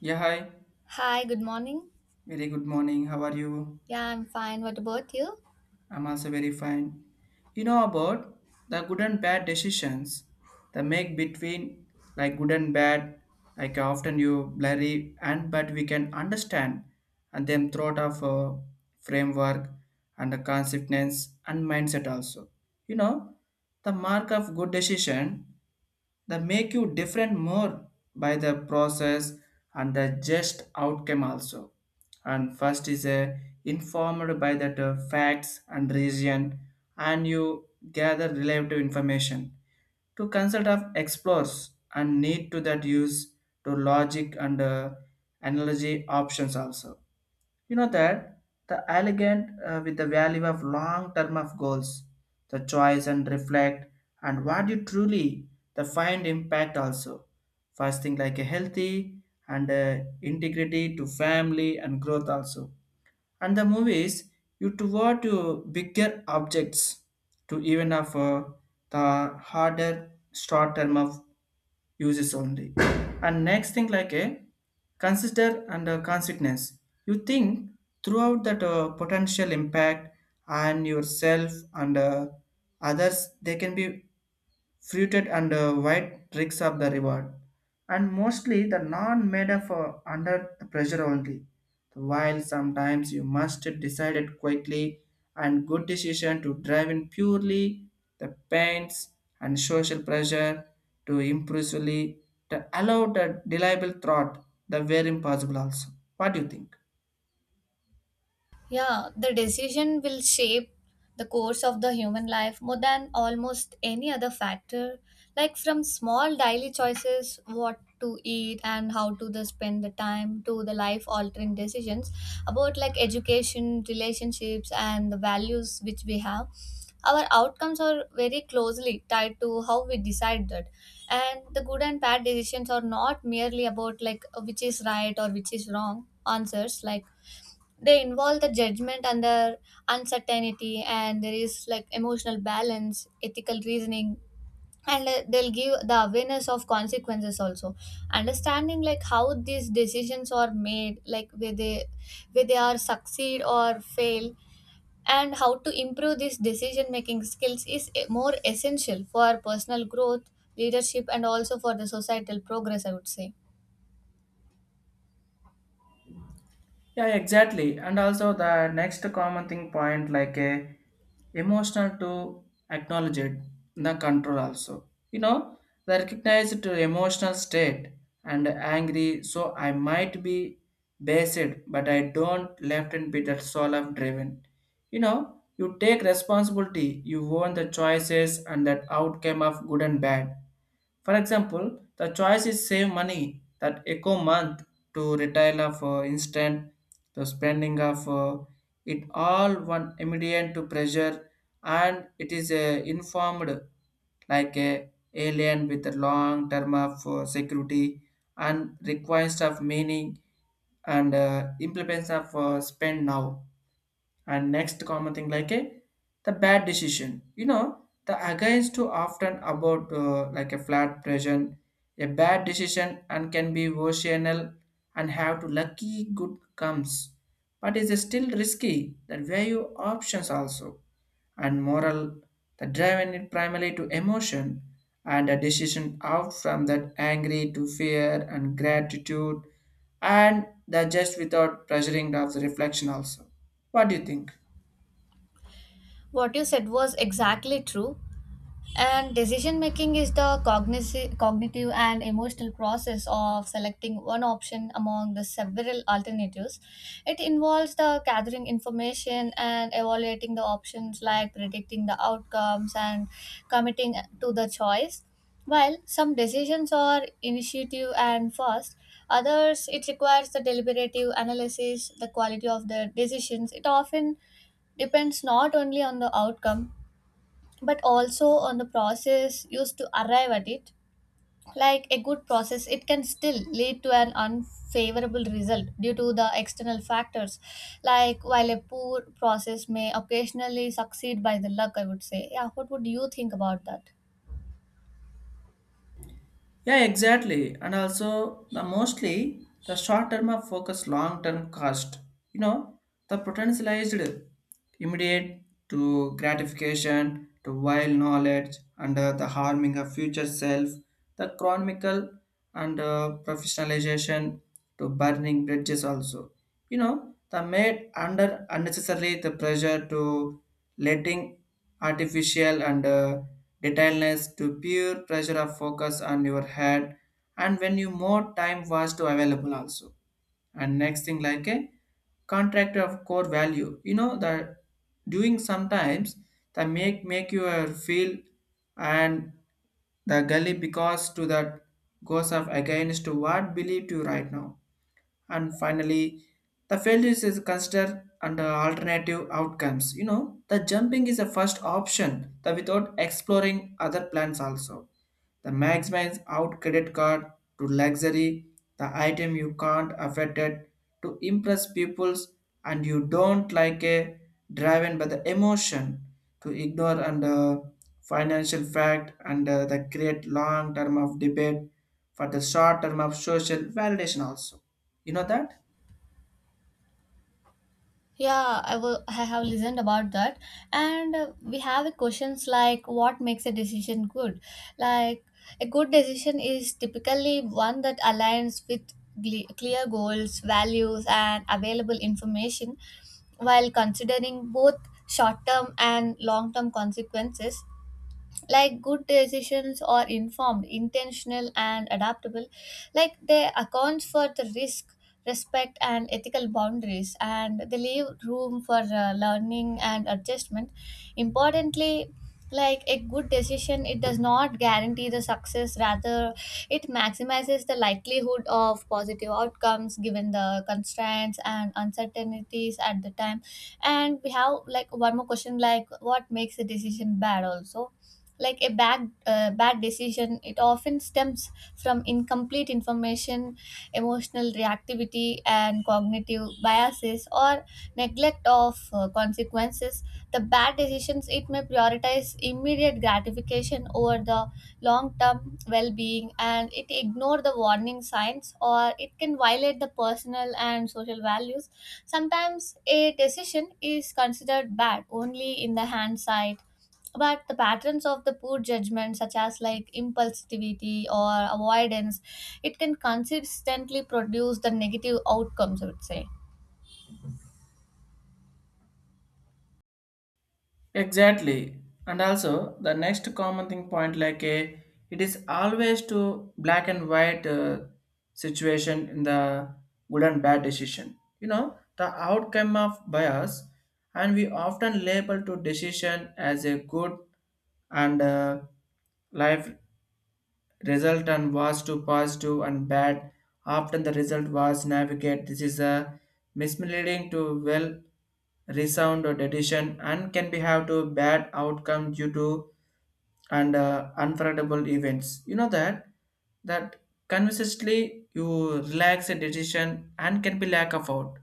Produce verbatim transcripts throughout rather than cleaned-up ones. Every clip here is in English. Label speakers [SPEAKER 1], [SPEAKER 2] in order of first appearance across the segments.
[SPEAKER 1] Yeah, hi.
[SPEAKER 2] Hi, good morning.
[SPEAKER 1] Very good morning. How are you?
[SPEAKER 2] Yeah, I'm fine. What about you?
[SPEAKER 1] I'm also very fine. You know about the good and bad decisions, the make between like good and bad, like often you blurry and but we can understand and then throughout of a framework and the consciousness and mindset also. You know, the mark of good decision. They make you different more by the process and the just outcome also. And first is a informed by that uh, facts and reason, and you gather relative information to consult of explores and need to that use to logic and uh, analogy options also, you know that the elegant uh, with the value of long term of goals, the choice and reflect, and what you truly the find impact also. First thing like a healthy and uh, integrity to family and growth also, and the movies you toward to bigger objects to even of uh, the harder short term of uses only. And next thing like a consider and a consequence, you think throughout that uh, potential impact and yourself and uh, others they can be Fruited and uh, white tricks of the reward, and mostly the non made of uh, under the pressure only. While sometimes you must decide it quickly and good decision to drive in purely the pains and social pressure to impulsively to allow the deliable thought the very impossible also. What do you think?
[SPEAKER 2] Yeah, the decision will shape the course of the human life more than almost any other factor. Like from small daily choices, what to eat and how to the spend the time to the life altering decisions about like education, relationships and the values which we have. Our outcomes are very closely tied to how we decide that, and the good and bad decisions are not merely about like which is right or which is wrong answers. Like they involve the judgment and the uncertainty, and there is like emotional balance, ethical reasoning, and uh, they'll give the awareness of consequences also. Understanding like how these decisions are made, like where they where they are succeed or fail, and how to improve these decision making skills is e- more essential for personal growth, leadership, and also for the societal progress, I would say.
[SPEAKER 1] Yeah, exactly. And also the next common thing point like a emotional to acknowledge it, the control also. You know, the recognized to emotional state and angry, so I might be based, but I don't left and be that soul of driven. You know, you take responsibility, you own the choices and that outcome of good and bad. For example, the choice is save money that eco month to retail of uh, instant the spending of uh, it all one immediate to pressure, and it is uh, informed like a alien with a long term of uh, security, and requires of meaning and uh, implements of uh, spend now. And next common thing like a the bad decision. You know the against too often about uh, like a flat present, a bad decision and can be vocational and have to lucky good comes, but is still risky. That value options also, and moral the driven it primarily to emotion and a decision out from that angry to fear and gratitude and the just without pressuring of the reflection also. What do you think?
[SPEAKER 2] What you said was exactly true. And decision making is the cogniz- cognitive and emotional process of selecting one option among the several alternatives. It involves the gathering information and evaluating the options, like predicting the outcomes and committing to the choice. While some decisions are initiative and fast, others it requires the deliberative analysis, the quality of the decisions. It often depends not only on the outcome but also on the process used to arrive at it, like a good process it can still lead to an unfavorable result due to the external factors, like while a poor process may occasionally succeed by the luck, I would say. Yeah, what would you think about that?
[SPEAKER 1] Yeah, exactly. And also the mostly the short term of focus, long term cost. You know, the potentialized immediate to gratification to wild knowledge and uh, the harming of future self, the chronicle and uh, professionalization to burning bridges also. You know, the made under unnecessarily the pressure to letting artificial and uh, detailedness to pure pressure of focus on your head, and when you more time was to available also. And next thing like a contractor of core value, you know that doing sometimes the make make you uh, feel and the gully because to that goes of against to what believe you right now. And finally the failures is considered under alternative outcomes, you know the jumping is the first option the without exploring other plans also, the maximize out credit card to luxury, the item you can't afford it to impress peoples, and you don't like a driven by the emotion to ignore and uh, financial fact and uh, the create long term of debate for the short term of social validation also. You know that?
[SPEAKER 2] Yeah, I will. I have listened about that, and uh, we have a questions like what makes a decision good. Like a good decision is typically one that aligns with gle- clear goals, values, and available information, while considering both short-term and long-term consequences. Like good decisions are informed, intentional and adaptable, like they accounts for the risk, respect and ethical boundaries, and they leave room for uh, learning and adjustment. Importantly, like a good decision it does not guarantee the success, rather it maximizes the likelihood of positive outcomes given the constraints and uncertainties at the time. And we have like one more question like what makes a decision bad also. Like a bad uh, bad decision it often stems from incomplete information, emotional reactivity and cognitive biases, or neglect of uh, consequences. The bad decisions it may prioritize immediate gratification over the long term well being, and it ignore the warning signs, or it can violate the personal and social values. Sometimes a decision is considered bad only in the hindsight, but the patterns of the poor judgment such as like impulsivity or avoidance, it can consistently produce the negative outcomes, I would say.
[SPEAKER 1] Exactly. And also the next common thing point like a it is always to black and white uh, situation in the good and bad decision. You know, the outcome of bias, and we often label to decision as a good and uh, life result and was to positive and bad. Often the result was navigate. This is a misleading to well resound or decision and can be have to bad outcome due to and uh, unforgettable events. You know that that consistently you relax a decision and can be lack of out.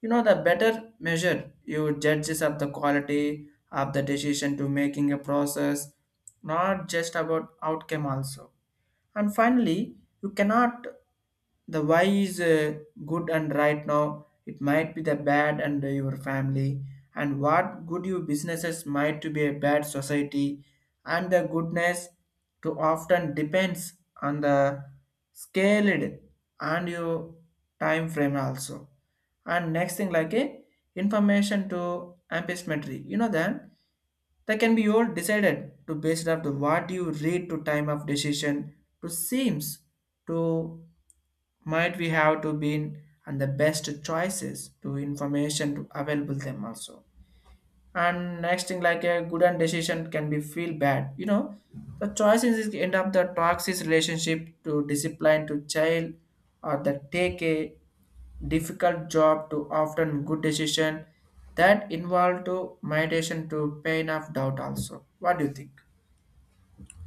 [SPEAKER 1] You know the better measure you judges of the quality of the decision to making a process, not just about outcome also. And finally you cannot the why is uh, good and right now it might be the bad and your family, and what good your businesses might to be a bad society, and the goodness to often depends on the scaled and your time frame also. And next thing like a information to amplitude, you know then that can be all decided to based up to what you read to time of decision to seems to might we have to be in, and the best choices to information to available them also. And next thing like a good and decision can be feel bad, you know the choices is end up the toxic relationship to discipline to child, or the take a difficult job to often good decision that involve to meditation to pain of doubt also. What do you think?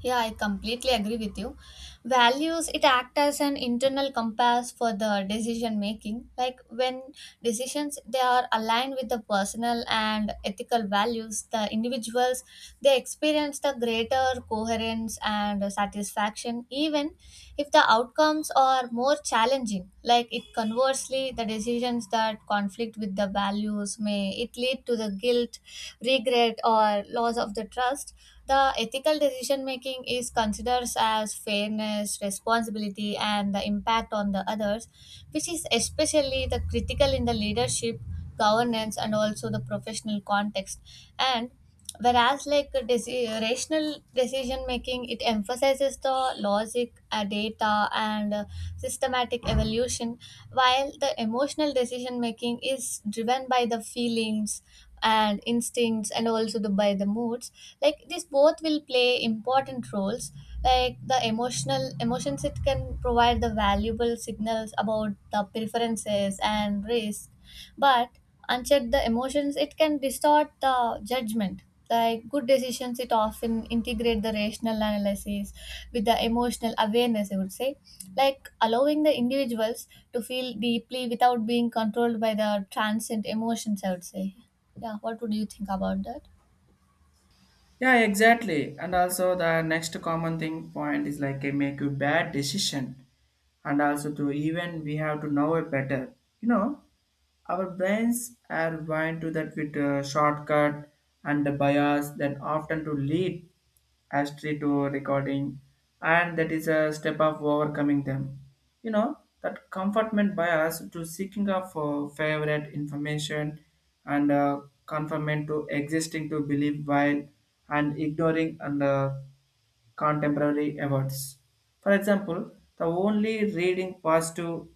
[SPEAKER 2] Yeah, I completely agree with you. Values it act as an internal compass for the decision making. Like when decisions they are aligned with the personal and ethical values, the individuals they experience the greater coherence and satisfaction, even if the outcomes are more challenging. Like it conversely the decisions that conflict with the values may it lead to the guilt, regret or loss of the trust. The ethical decision making is considered as fairness, responsibility, and the impact on the others, which is especially the critical in the leadership, governance, and also the professional context. And whereas like a deci- rational decision making it emphasizes the logic, uh, data and uh, systematic evolution, while the emotional decision making is driven by the feelings and instincts, and also the, by the moods. Like these both will play important roles, like the emotional emotions it can provide the valuable signals about the preferences and risk, but unchecked the emotions it can distort the judgment. Like good decisions it often integrate the rational analysis with the emotional awareness, I would say, like allowing the individuals to feel deeply without being controlled by the transient emotions, I would say. Yeah, what would you think about that?
[SPEAKER 1] Yeah, exactly. And also the next common thing point is like a make you bad decision, and also to even we have to know it better, you know our brains are wired to that with uh, shortcut and the bias that often to lead us to to recording, and that is a step of overcoming them. You know, that comfortment bias to seeking of uh, favorite information and uh, conformment to existing to believe while, and ignoring and uh, contemporary awards. For example, the only reading positive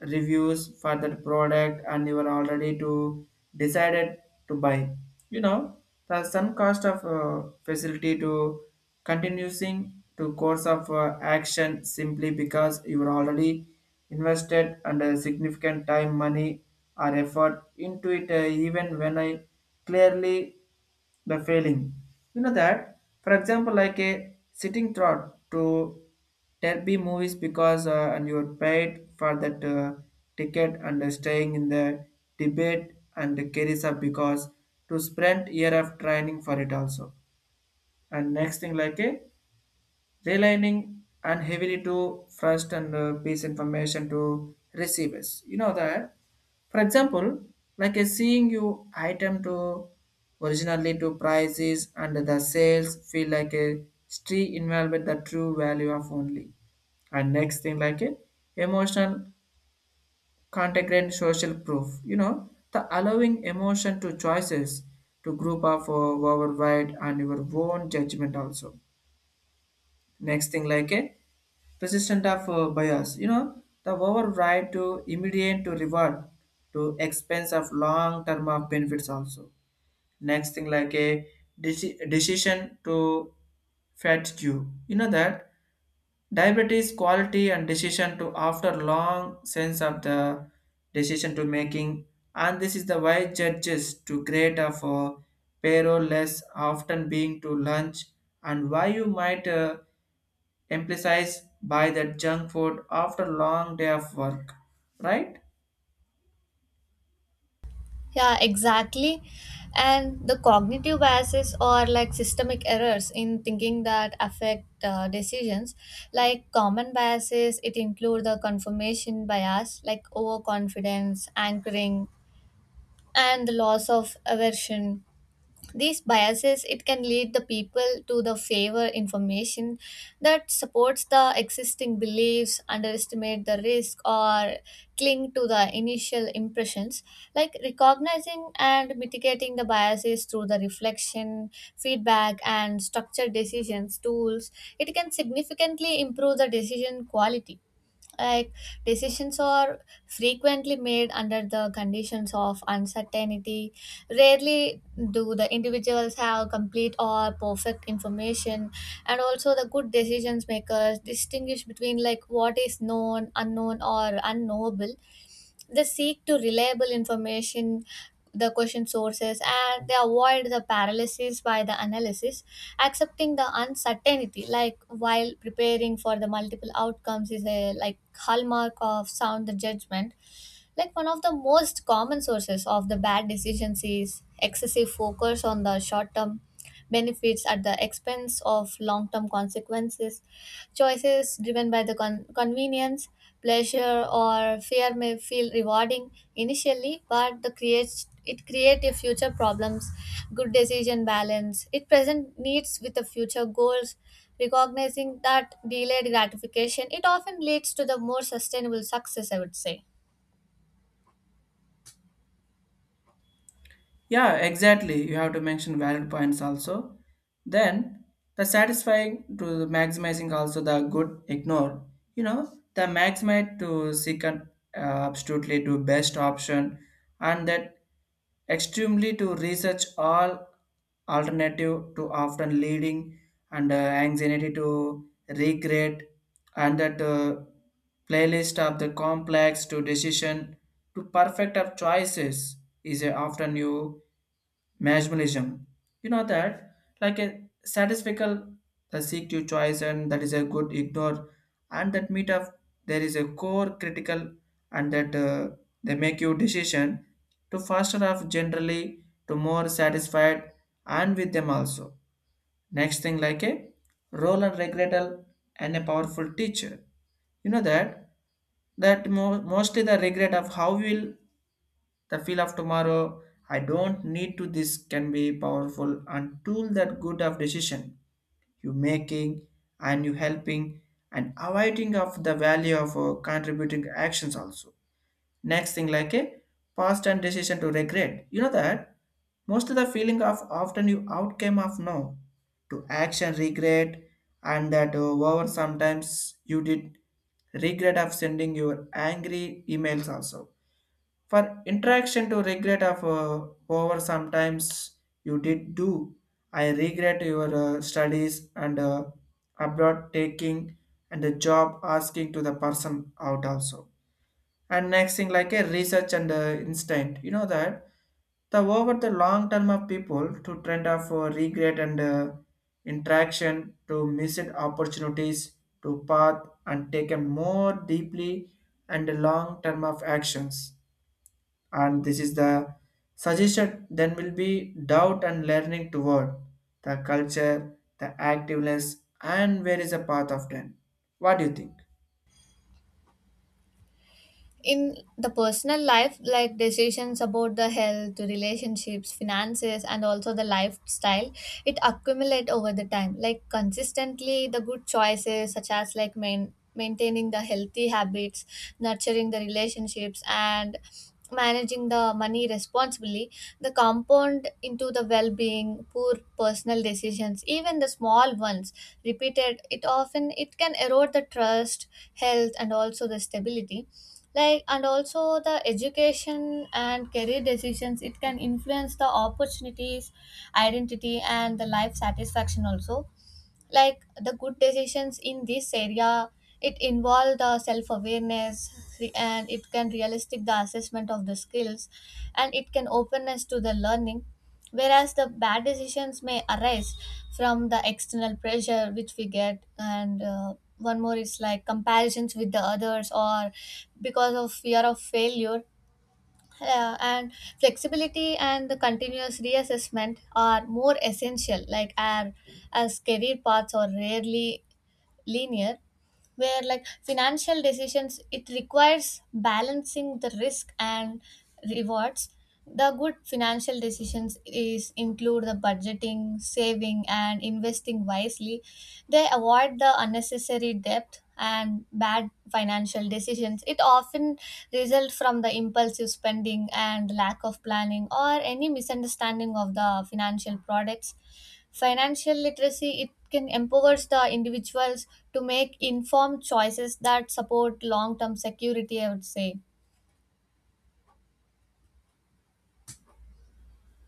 [SPEAKER 1] reviews for that product and you are already to decided to buy. You know, the some cost of uh, facility to continuing to course of uh, action simply because you are already invested under significant time, money, or effort into it, uh, even when I clearly the failing. You know that, for example, like a sitting trot to Derby movies because uh, and you're paid for that uh, ticket and uh, staying in the debate and the carries up because to spend year of training for it also. And next thing like a relying and heavily to trust and uh, piece information to receivers. You know that, for example, like a seeing you item to originally to prices and the sales feel like a street involved the true value of only. And next thing like a emotional contact and social proof. You know the allowing emotion to choices to group of uh, our right and your own judgment also. Next thing like a persistent of uh, bias, you know the override to immediate to reward to expense of long term of benefits also. Next thing like a deci- decision to fatigue, you know that Diabetes quality and decision to after long sense of the decision to making, and this is the why judges to create a for payroll less often being to lunch, and why you might uh, emphasize by that junk food after long day of work, right?
[SPEAKER 2] Yeah, exactly. And the cognitive biases are like systemic errors in thinking that affect uh, decisions. Like common biases, it include the confirmation bias, like overconfidence, anchoring, and the loss of aversion. These biases it can lead the people to the favor information that supports the existing beliefs, underestimate the risk, or cling to the initial impressions. Like recognizing and mitigating the biases through the reflection, feedback and structured decisions tools, it can significantly improve the decision quality. Like decisions are frequently made under the conditions of uncertainty. Rarely do the individuals have complete or perfect information, and also the good decisions makers distinguish between like what is known, unknown or unknowable. They seek to reliable information, the question sources, and they avoid the paralysis by the analysis, accepting the uncertainty. Like while preparing for the multiple outcomes is a like hallmark of sound judgment. Like one of the most common sources of the bad decisions is excessive focus on the short term benefits at the expense of long term consequences. Choices driven by the con- convenience, pleasure, or fear may feel rewarding initially, but the creates it creative future problems. Good decision balance, it present needs with the future goals, recognizing that delayed gratification, it often leads to the more sustainable success, I would say.
[SPEAKER 1] Yeah, exactly. You have to mention valid points also. Then the satisfying to the maximizing also the good ignore. You know the maximize to seek an uh, absolutely to best option, and that extremely to research all alternative to often leading and uh, anxiety to regret and that. Uh, Playlist of the complex to decision to perfect of choices is a often new maximalism. You know that like a satisfical the seek to choice and that is a good ignore, and that meet up there is a core critical, and that uh, they make you decision to faster off generally to more satisfied and with them also. Next thing like a role and regrettal and a powerful teacher. You know that that mo- mostly the regret of how will the feel of tomorrow, I don't need to this can be powerful and tool that good of decision you making, and you helping and avoiding of the value of uh, contributing actions also. Next thing like a past and decision to regret. You know that most of the feeling of often you outcome of no to action regret, and that uh, over sometimes you did regret of sending your angry emails also, for interaction to regret of uh, over sometimes you did do, I regret your uh, studies and uh, abroad taking and the job asking to the person out also. And next thing like a research and uh, instinct, you know that the over the long term of people to trend of uh, regret and uh, interaction to missed opportunities to path and taken more deeply and long term of actions, and this is the suggestion then will be doubt and learning toward the culture the activeness and where is the path of them. What do you think?
[SPEAKER 2] In the personal life like decisions about the health, relationships, finances and also the lifestyle, it accumulate over the time. Like consistently the good choices such as like main, maintaining the healthy habits, nurturing the relationships, and managing the money responsibly, the compound into the well-being. Poor personal decisions, even the small ones repeated, it often it can erode the trust, health and also the stability. Like and also the education and career decisions it can influence the opportunities, identity and the life satisfaction also. Like the good decisions in this area it involve the self awareness, and it can realistic the assessment of the skills, and it can openness to the learning, whereas the bad decisions may arise from the external pressure which we get, and uh, one more is like comparisons with the others, or because of fear of failure. Yeah, and flexibility and the continuous reassessment are more essential, like and as career paths are rarely linear, where like financial decisions it requires balancing the risk and rewards. The good financial decisions is include the budgeting, saving and investing wisely. They avoid the unnecessary debt, and bad financial decisions. It often results from the impulsive spending and lack of planning, or any misunderstanding of the financial products. Financial literacy it can empowers the individuals to make informed choices that support long-term security, I would say.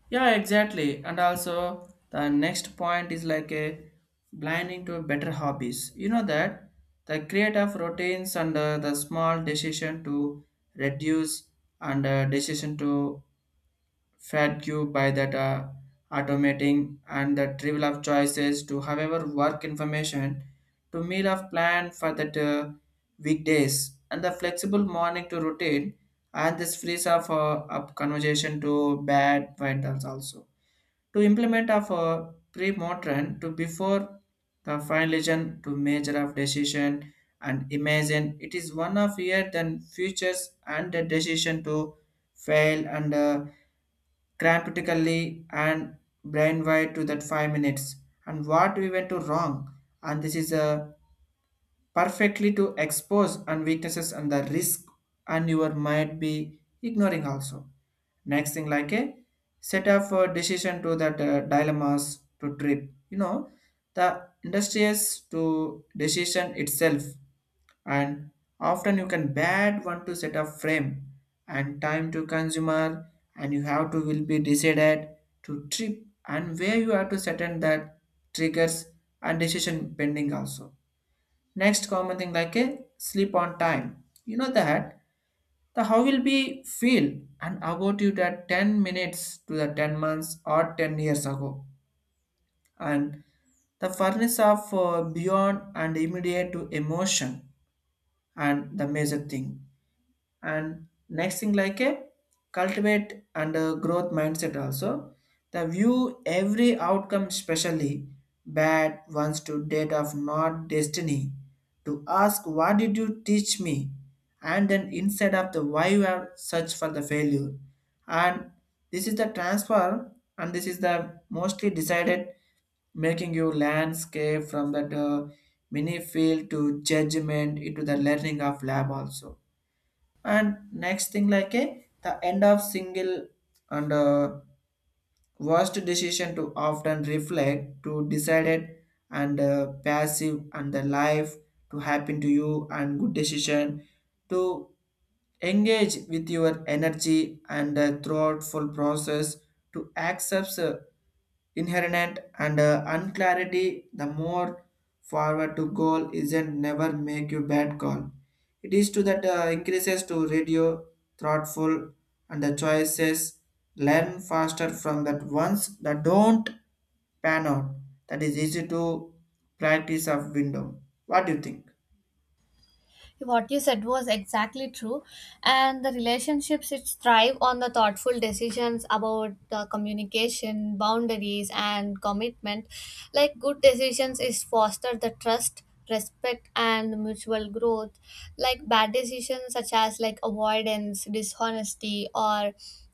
[SPEAKER 1] Yeah, exactly. And also, the next point is like a blinding to better hobbies. You know that the creative routines and uh, the small decision to reduce and uh, decision to fat you by that uh, automating and the trivial of choices to however work information to meal of plan for that uh, weekdays and the flexible morning to routine, and this frees of uh, up conversation to bad vendors also to implement of a pre-modern to before the finalization to measure of decision. And imagine it is one of year than futures and the decision to fail and uh, cramptically and brainwide to that five minutes and what we went to wrong. And this is a perfectly to expose and weaknesses and the risk and you are might be ignoring also. Next thing like a set of uh, decision to that uh, dilemmas to trip, you know, the industrious to decision itself, and often you can bad one to set up frame and time to consumer, and you have to will be decided to trip, and where you have to set in that triggers and decision pending also. Next common thing like a sleep on time. You know that the how will be feel and about you that ten minutes to the ten months or ten years ago, and the furnace of uh, beyond and immediate to emotion and the major thing. And next thing like a cultivate and a growth mindset also, the view every outcome, especially bad ones to date of not destiny, to ask what did you teach me, and then instead of the why you have search for the failure. And this is the transfer, and this is the mostly decided making you landscape from that uh, mini field to judgment into the learning of lab also. And next thing like a the end of single and uh, worst decision to often reflect to decided and uh, passive and the life to happen to you, and good decision to engage with your energy and a thoughtful process to accept uh, inherent and uh, unclarity the more forward to goal isn't never make you bad call. It is to that uh, increases to radio thoughtful and the choices, learn faster from that ones that don't pan out. That is easy to practice of window. What do you think?
[SPEAKER 2] What you said was exactly true, and the relationships it thrive on the thoughtful decisions about the communication, boundaries and commitment. Like good decisions is foster the trust, respect and mutual growth. Like bad decisions such as like avoidance, dishonesty or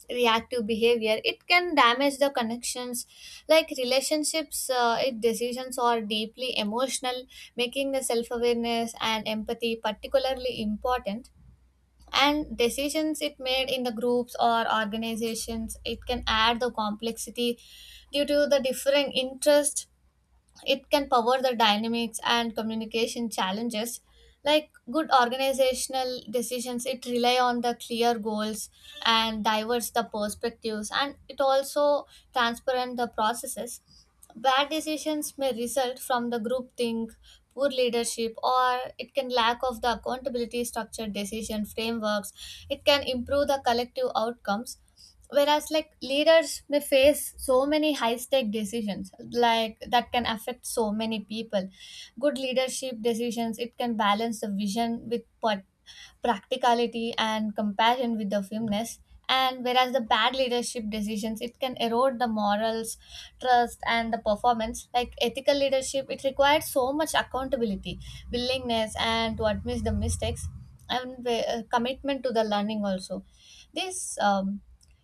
[SPEAKER 2] reactive behavior, it can damage the connections. Like relationships, uh, if decisions are deeply emotional, making the self-awareness and empathy particularly important. And decisions it made in the groups or organizations it can add the complexity due to the differing interests. It can power the dynamics and communication challenges. Like good organizational decisions it rely on the clear goals and diverse the perspectives, and it also transparent the processes. Bad decisions may result from the group think, poor leadership, or it can lack of the accountability. Structured decision frameworks it can improve the collective outcomes, whereas like leaders may face so many high stake decisions like that can affect so many people. Good leadership decisions it can balance the vision with pa- practicality and compassion with the firmness. And whereas the bad leadership decisions it can erode the morals, trust and the performance. Like ethical leadership it requires so much accountability, willingness and to admit the mistakes, and uh, commitment to the learning also. This um,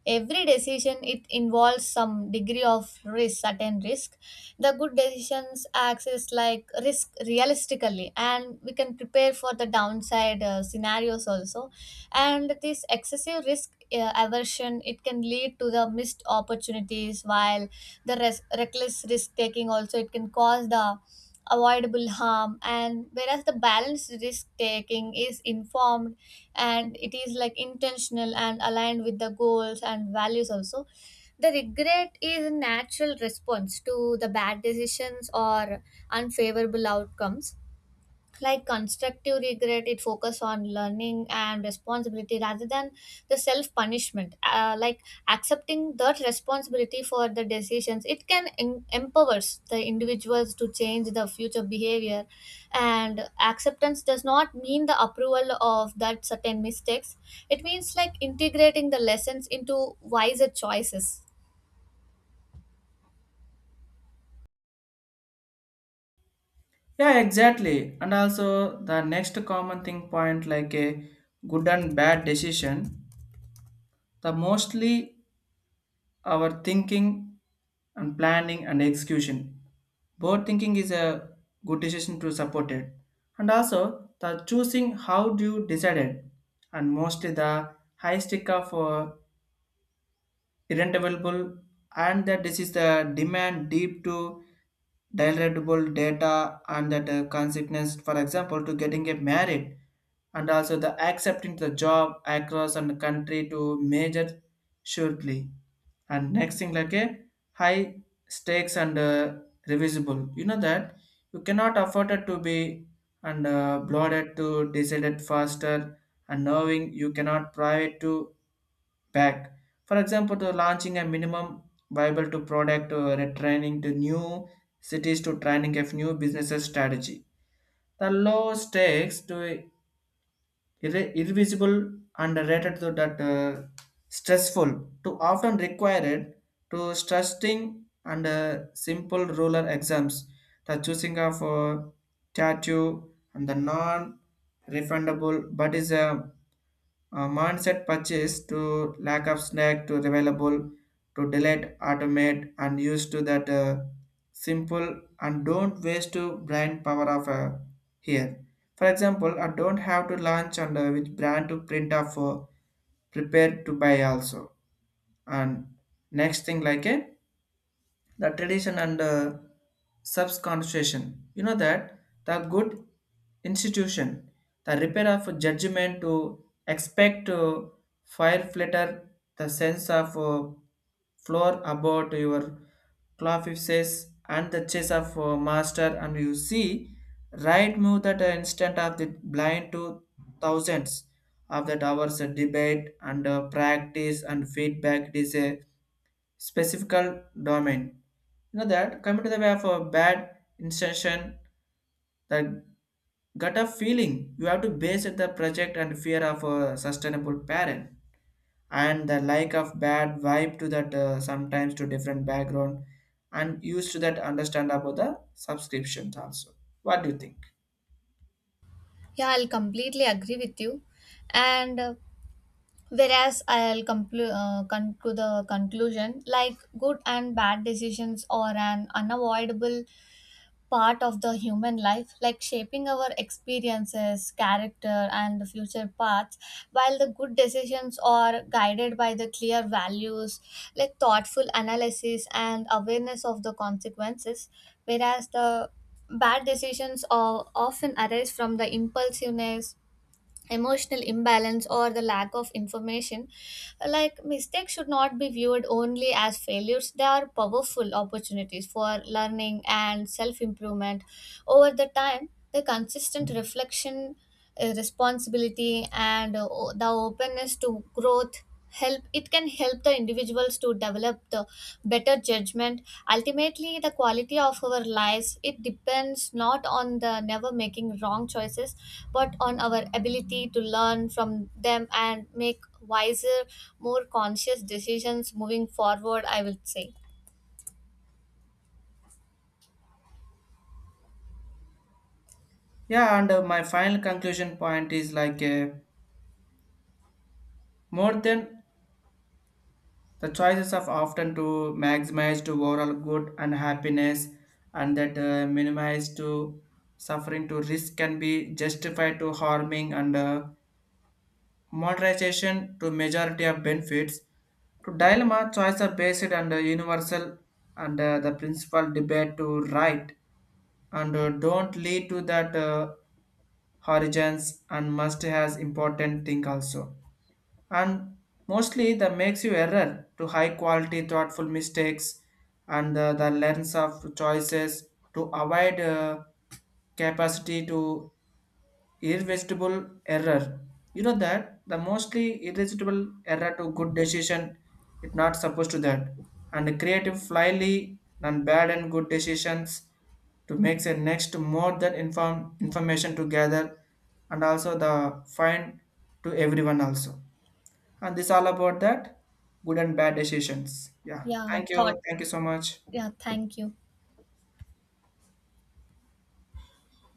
[SPEAKER 2] Every decision it involves some degree of risk, certain risk. The good decisions acts as like risk realistically, and we can prepare for the downside uh, scenarios also. And this excessive risk uh, aversion it can lead to the missed opportunities, while the res- reckless risk taking also it can cause the avoidable harm. And whereas the balanced risk taking is informed, and it is like intentional and aligned with the goals and values also. The regret is a natural response to the bad decisions or unfavorable outcomes. Like constructive regret it focus on learning and responsibility rather than the self punishment. Uh, like accepting that responsibility for the decisions it can em- empowers the individuals to change the future behavior. And acceptance does not mean the approval of that certain mistakes. It means like integrating the lessons into wiser choices.
[SPEAKER 1] Yeah, exactly. And also the next common thing point like a good and bad decision, the mostly our thinking and planning and execution. Both thinking is a good decision to support it. And also the choosing how do you decide it, and mostly the high stick of uh, irrent available, and that this is the demand deep to downloadable data and that uh, consequence, for example, to getting a married, and also the accepting the job across and the country to major shortly. And next thing like a high stakes and uh, revisible, you know that you cannot afford it to be and uh, bloated to decided faster and knowing you cannot provide to back. For example, to launching a minimum viable to product or a training to new cities to training of new businesses strategy. The low stakes to irre- irrevisible and rated to that uh, stressful to often required to stressing and uh, simple ruler exams. The choosing of uh, tattoo and the non refundable but is a a mindset purchase to lack of snack to available to delete, automate, and used to that uh, simple and don't waste to brand power of uh, here. For example, I don't have to launch and uh, which brand to print off uh, prepared to buy also. And next thing like a the tradition and uh, subconstitution. You know that the good institution, the repair of judgment to expect uh, fire flitter, the sense of uh, floor about your clothes and the chase of uh, master, and you see right move that uh, instant of the blind to thousands of that hours uh, debate and uh, practice and feedback. It is a specifical domain. You know that coming to the way of a bad intention, the gut of feeling you have to base it the project and fear of a sustainable parent and the like of bad vibe to that uh, sometimes to different background and used to that understand about the subscriptions also. What do you think?
[SPEAKER 2] Yeah, I'll completely agree with you. And uh, whereas I'll conclu- uh, come to the conclusion like good and bad decisions are an unavoidable part of the human life, like shaping our experiences, character, and future paths. While the good decisions are guided by the clear values, like thoughtful analysis and awareness of the consequences, whereas the bad decisions are often arise from the impulsiveness, emotional imbalance or the lack of information. Like mistakes should not be viewed only as failures. They are powerful opportunities for learning and self improvement. Over the time the consistent reflection, uh, responsibility and uh, o- the openness to growth, help it can help the individuals to develop the better judgment. Ultimately the quality of our lives it depends not on the never making wrong choices, but on our ability to learn from them and make wiser, more conscious decisions moving forward, I would say.
[SPEAKER 1] Yeah, and uh, my final conclusion point is like uh, more than the choices of often to maximize to overall good and happiness and that uh, minimize to suffering to risk can be justified to harming and uh, monetization to majority of benefits. To dilemma, choice are based and uh, universal and uh, the principal debate to right and uh, don't lead to that uh, horizons and must has important thing also. And mostly that makes you error to high quality thoughtful mistakes and uh, the lens of choices to avoid uh, capacity to irresistible error. You know that the mostly irresistible error to good decision, it not supposed to that, and creative flyly and bad and good decisions to make the next more than inform information to gather, and also the find to everyone also. And this all about that good and bad decisions. Yeah,
[SPEAKER 2] Yeah,
[SPEAKER 1] thank you,
[SPEAKER 2] thought.
[SPEAKER 1] thank you so much.
[SPEAKER 2] Yeah, thank you.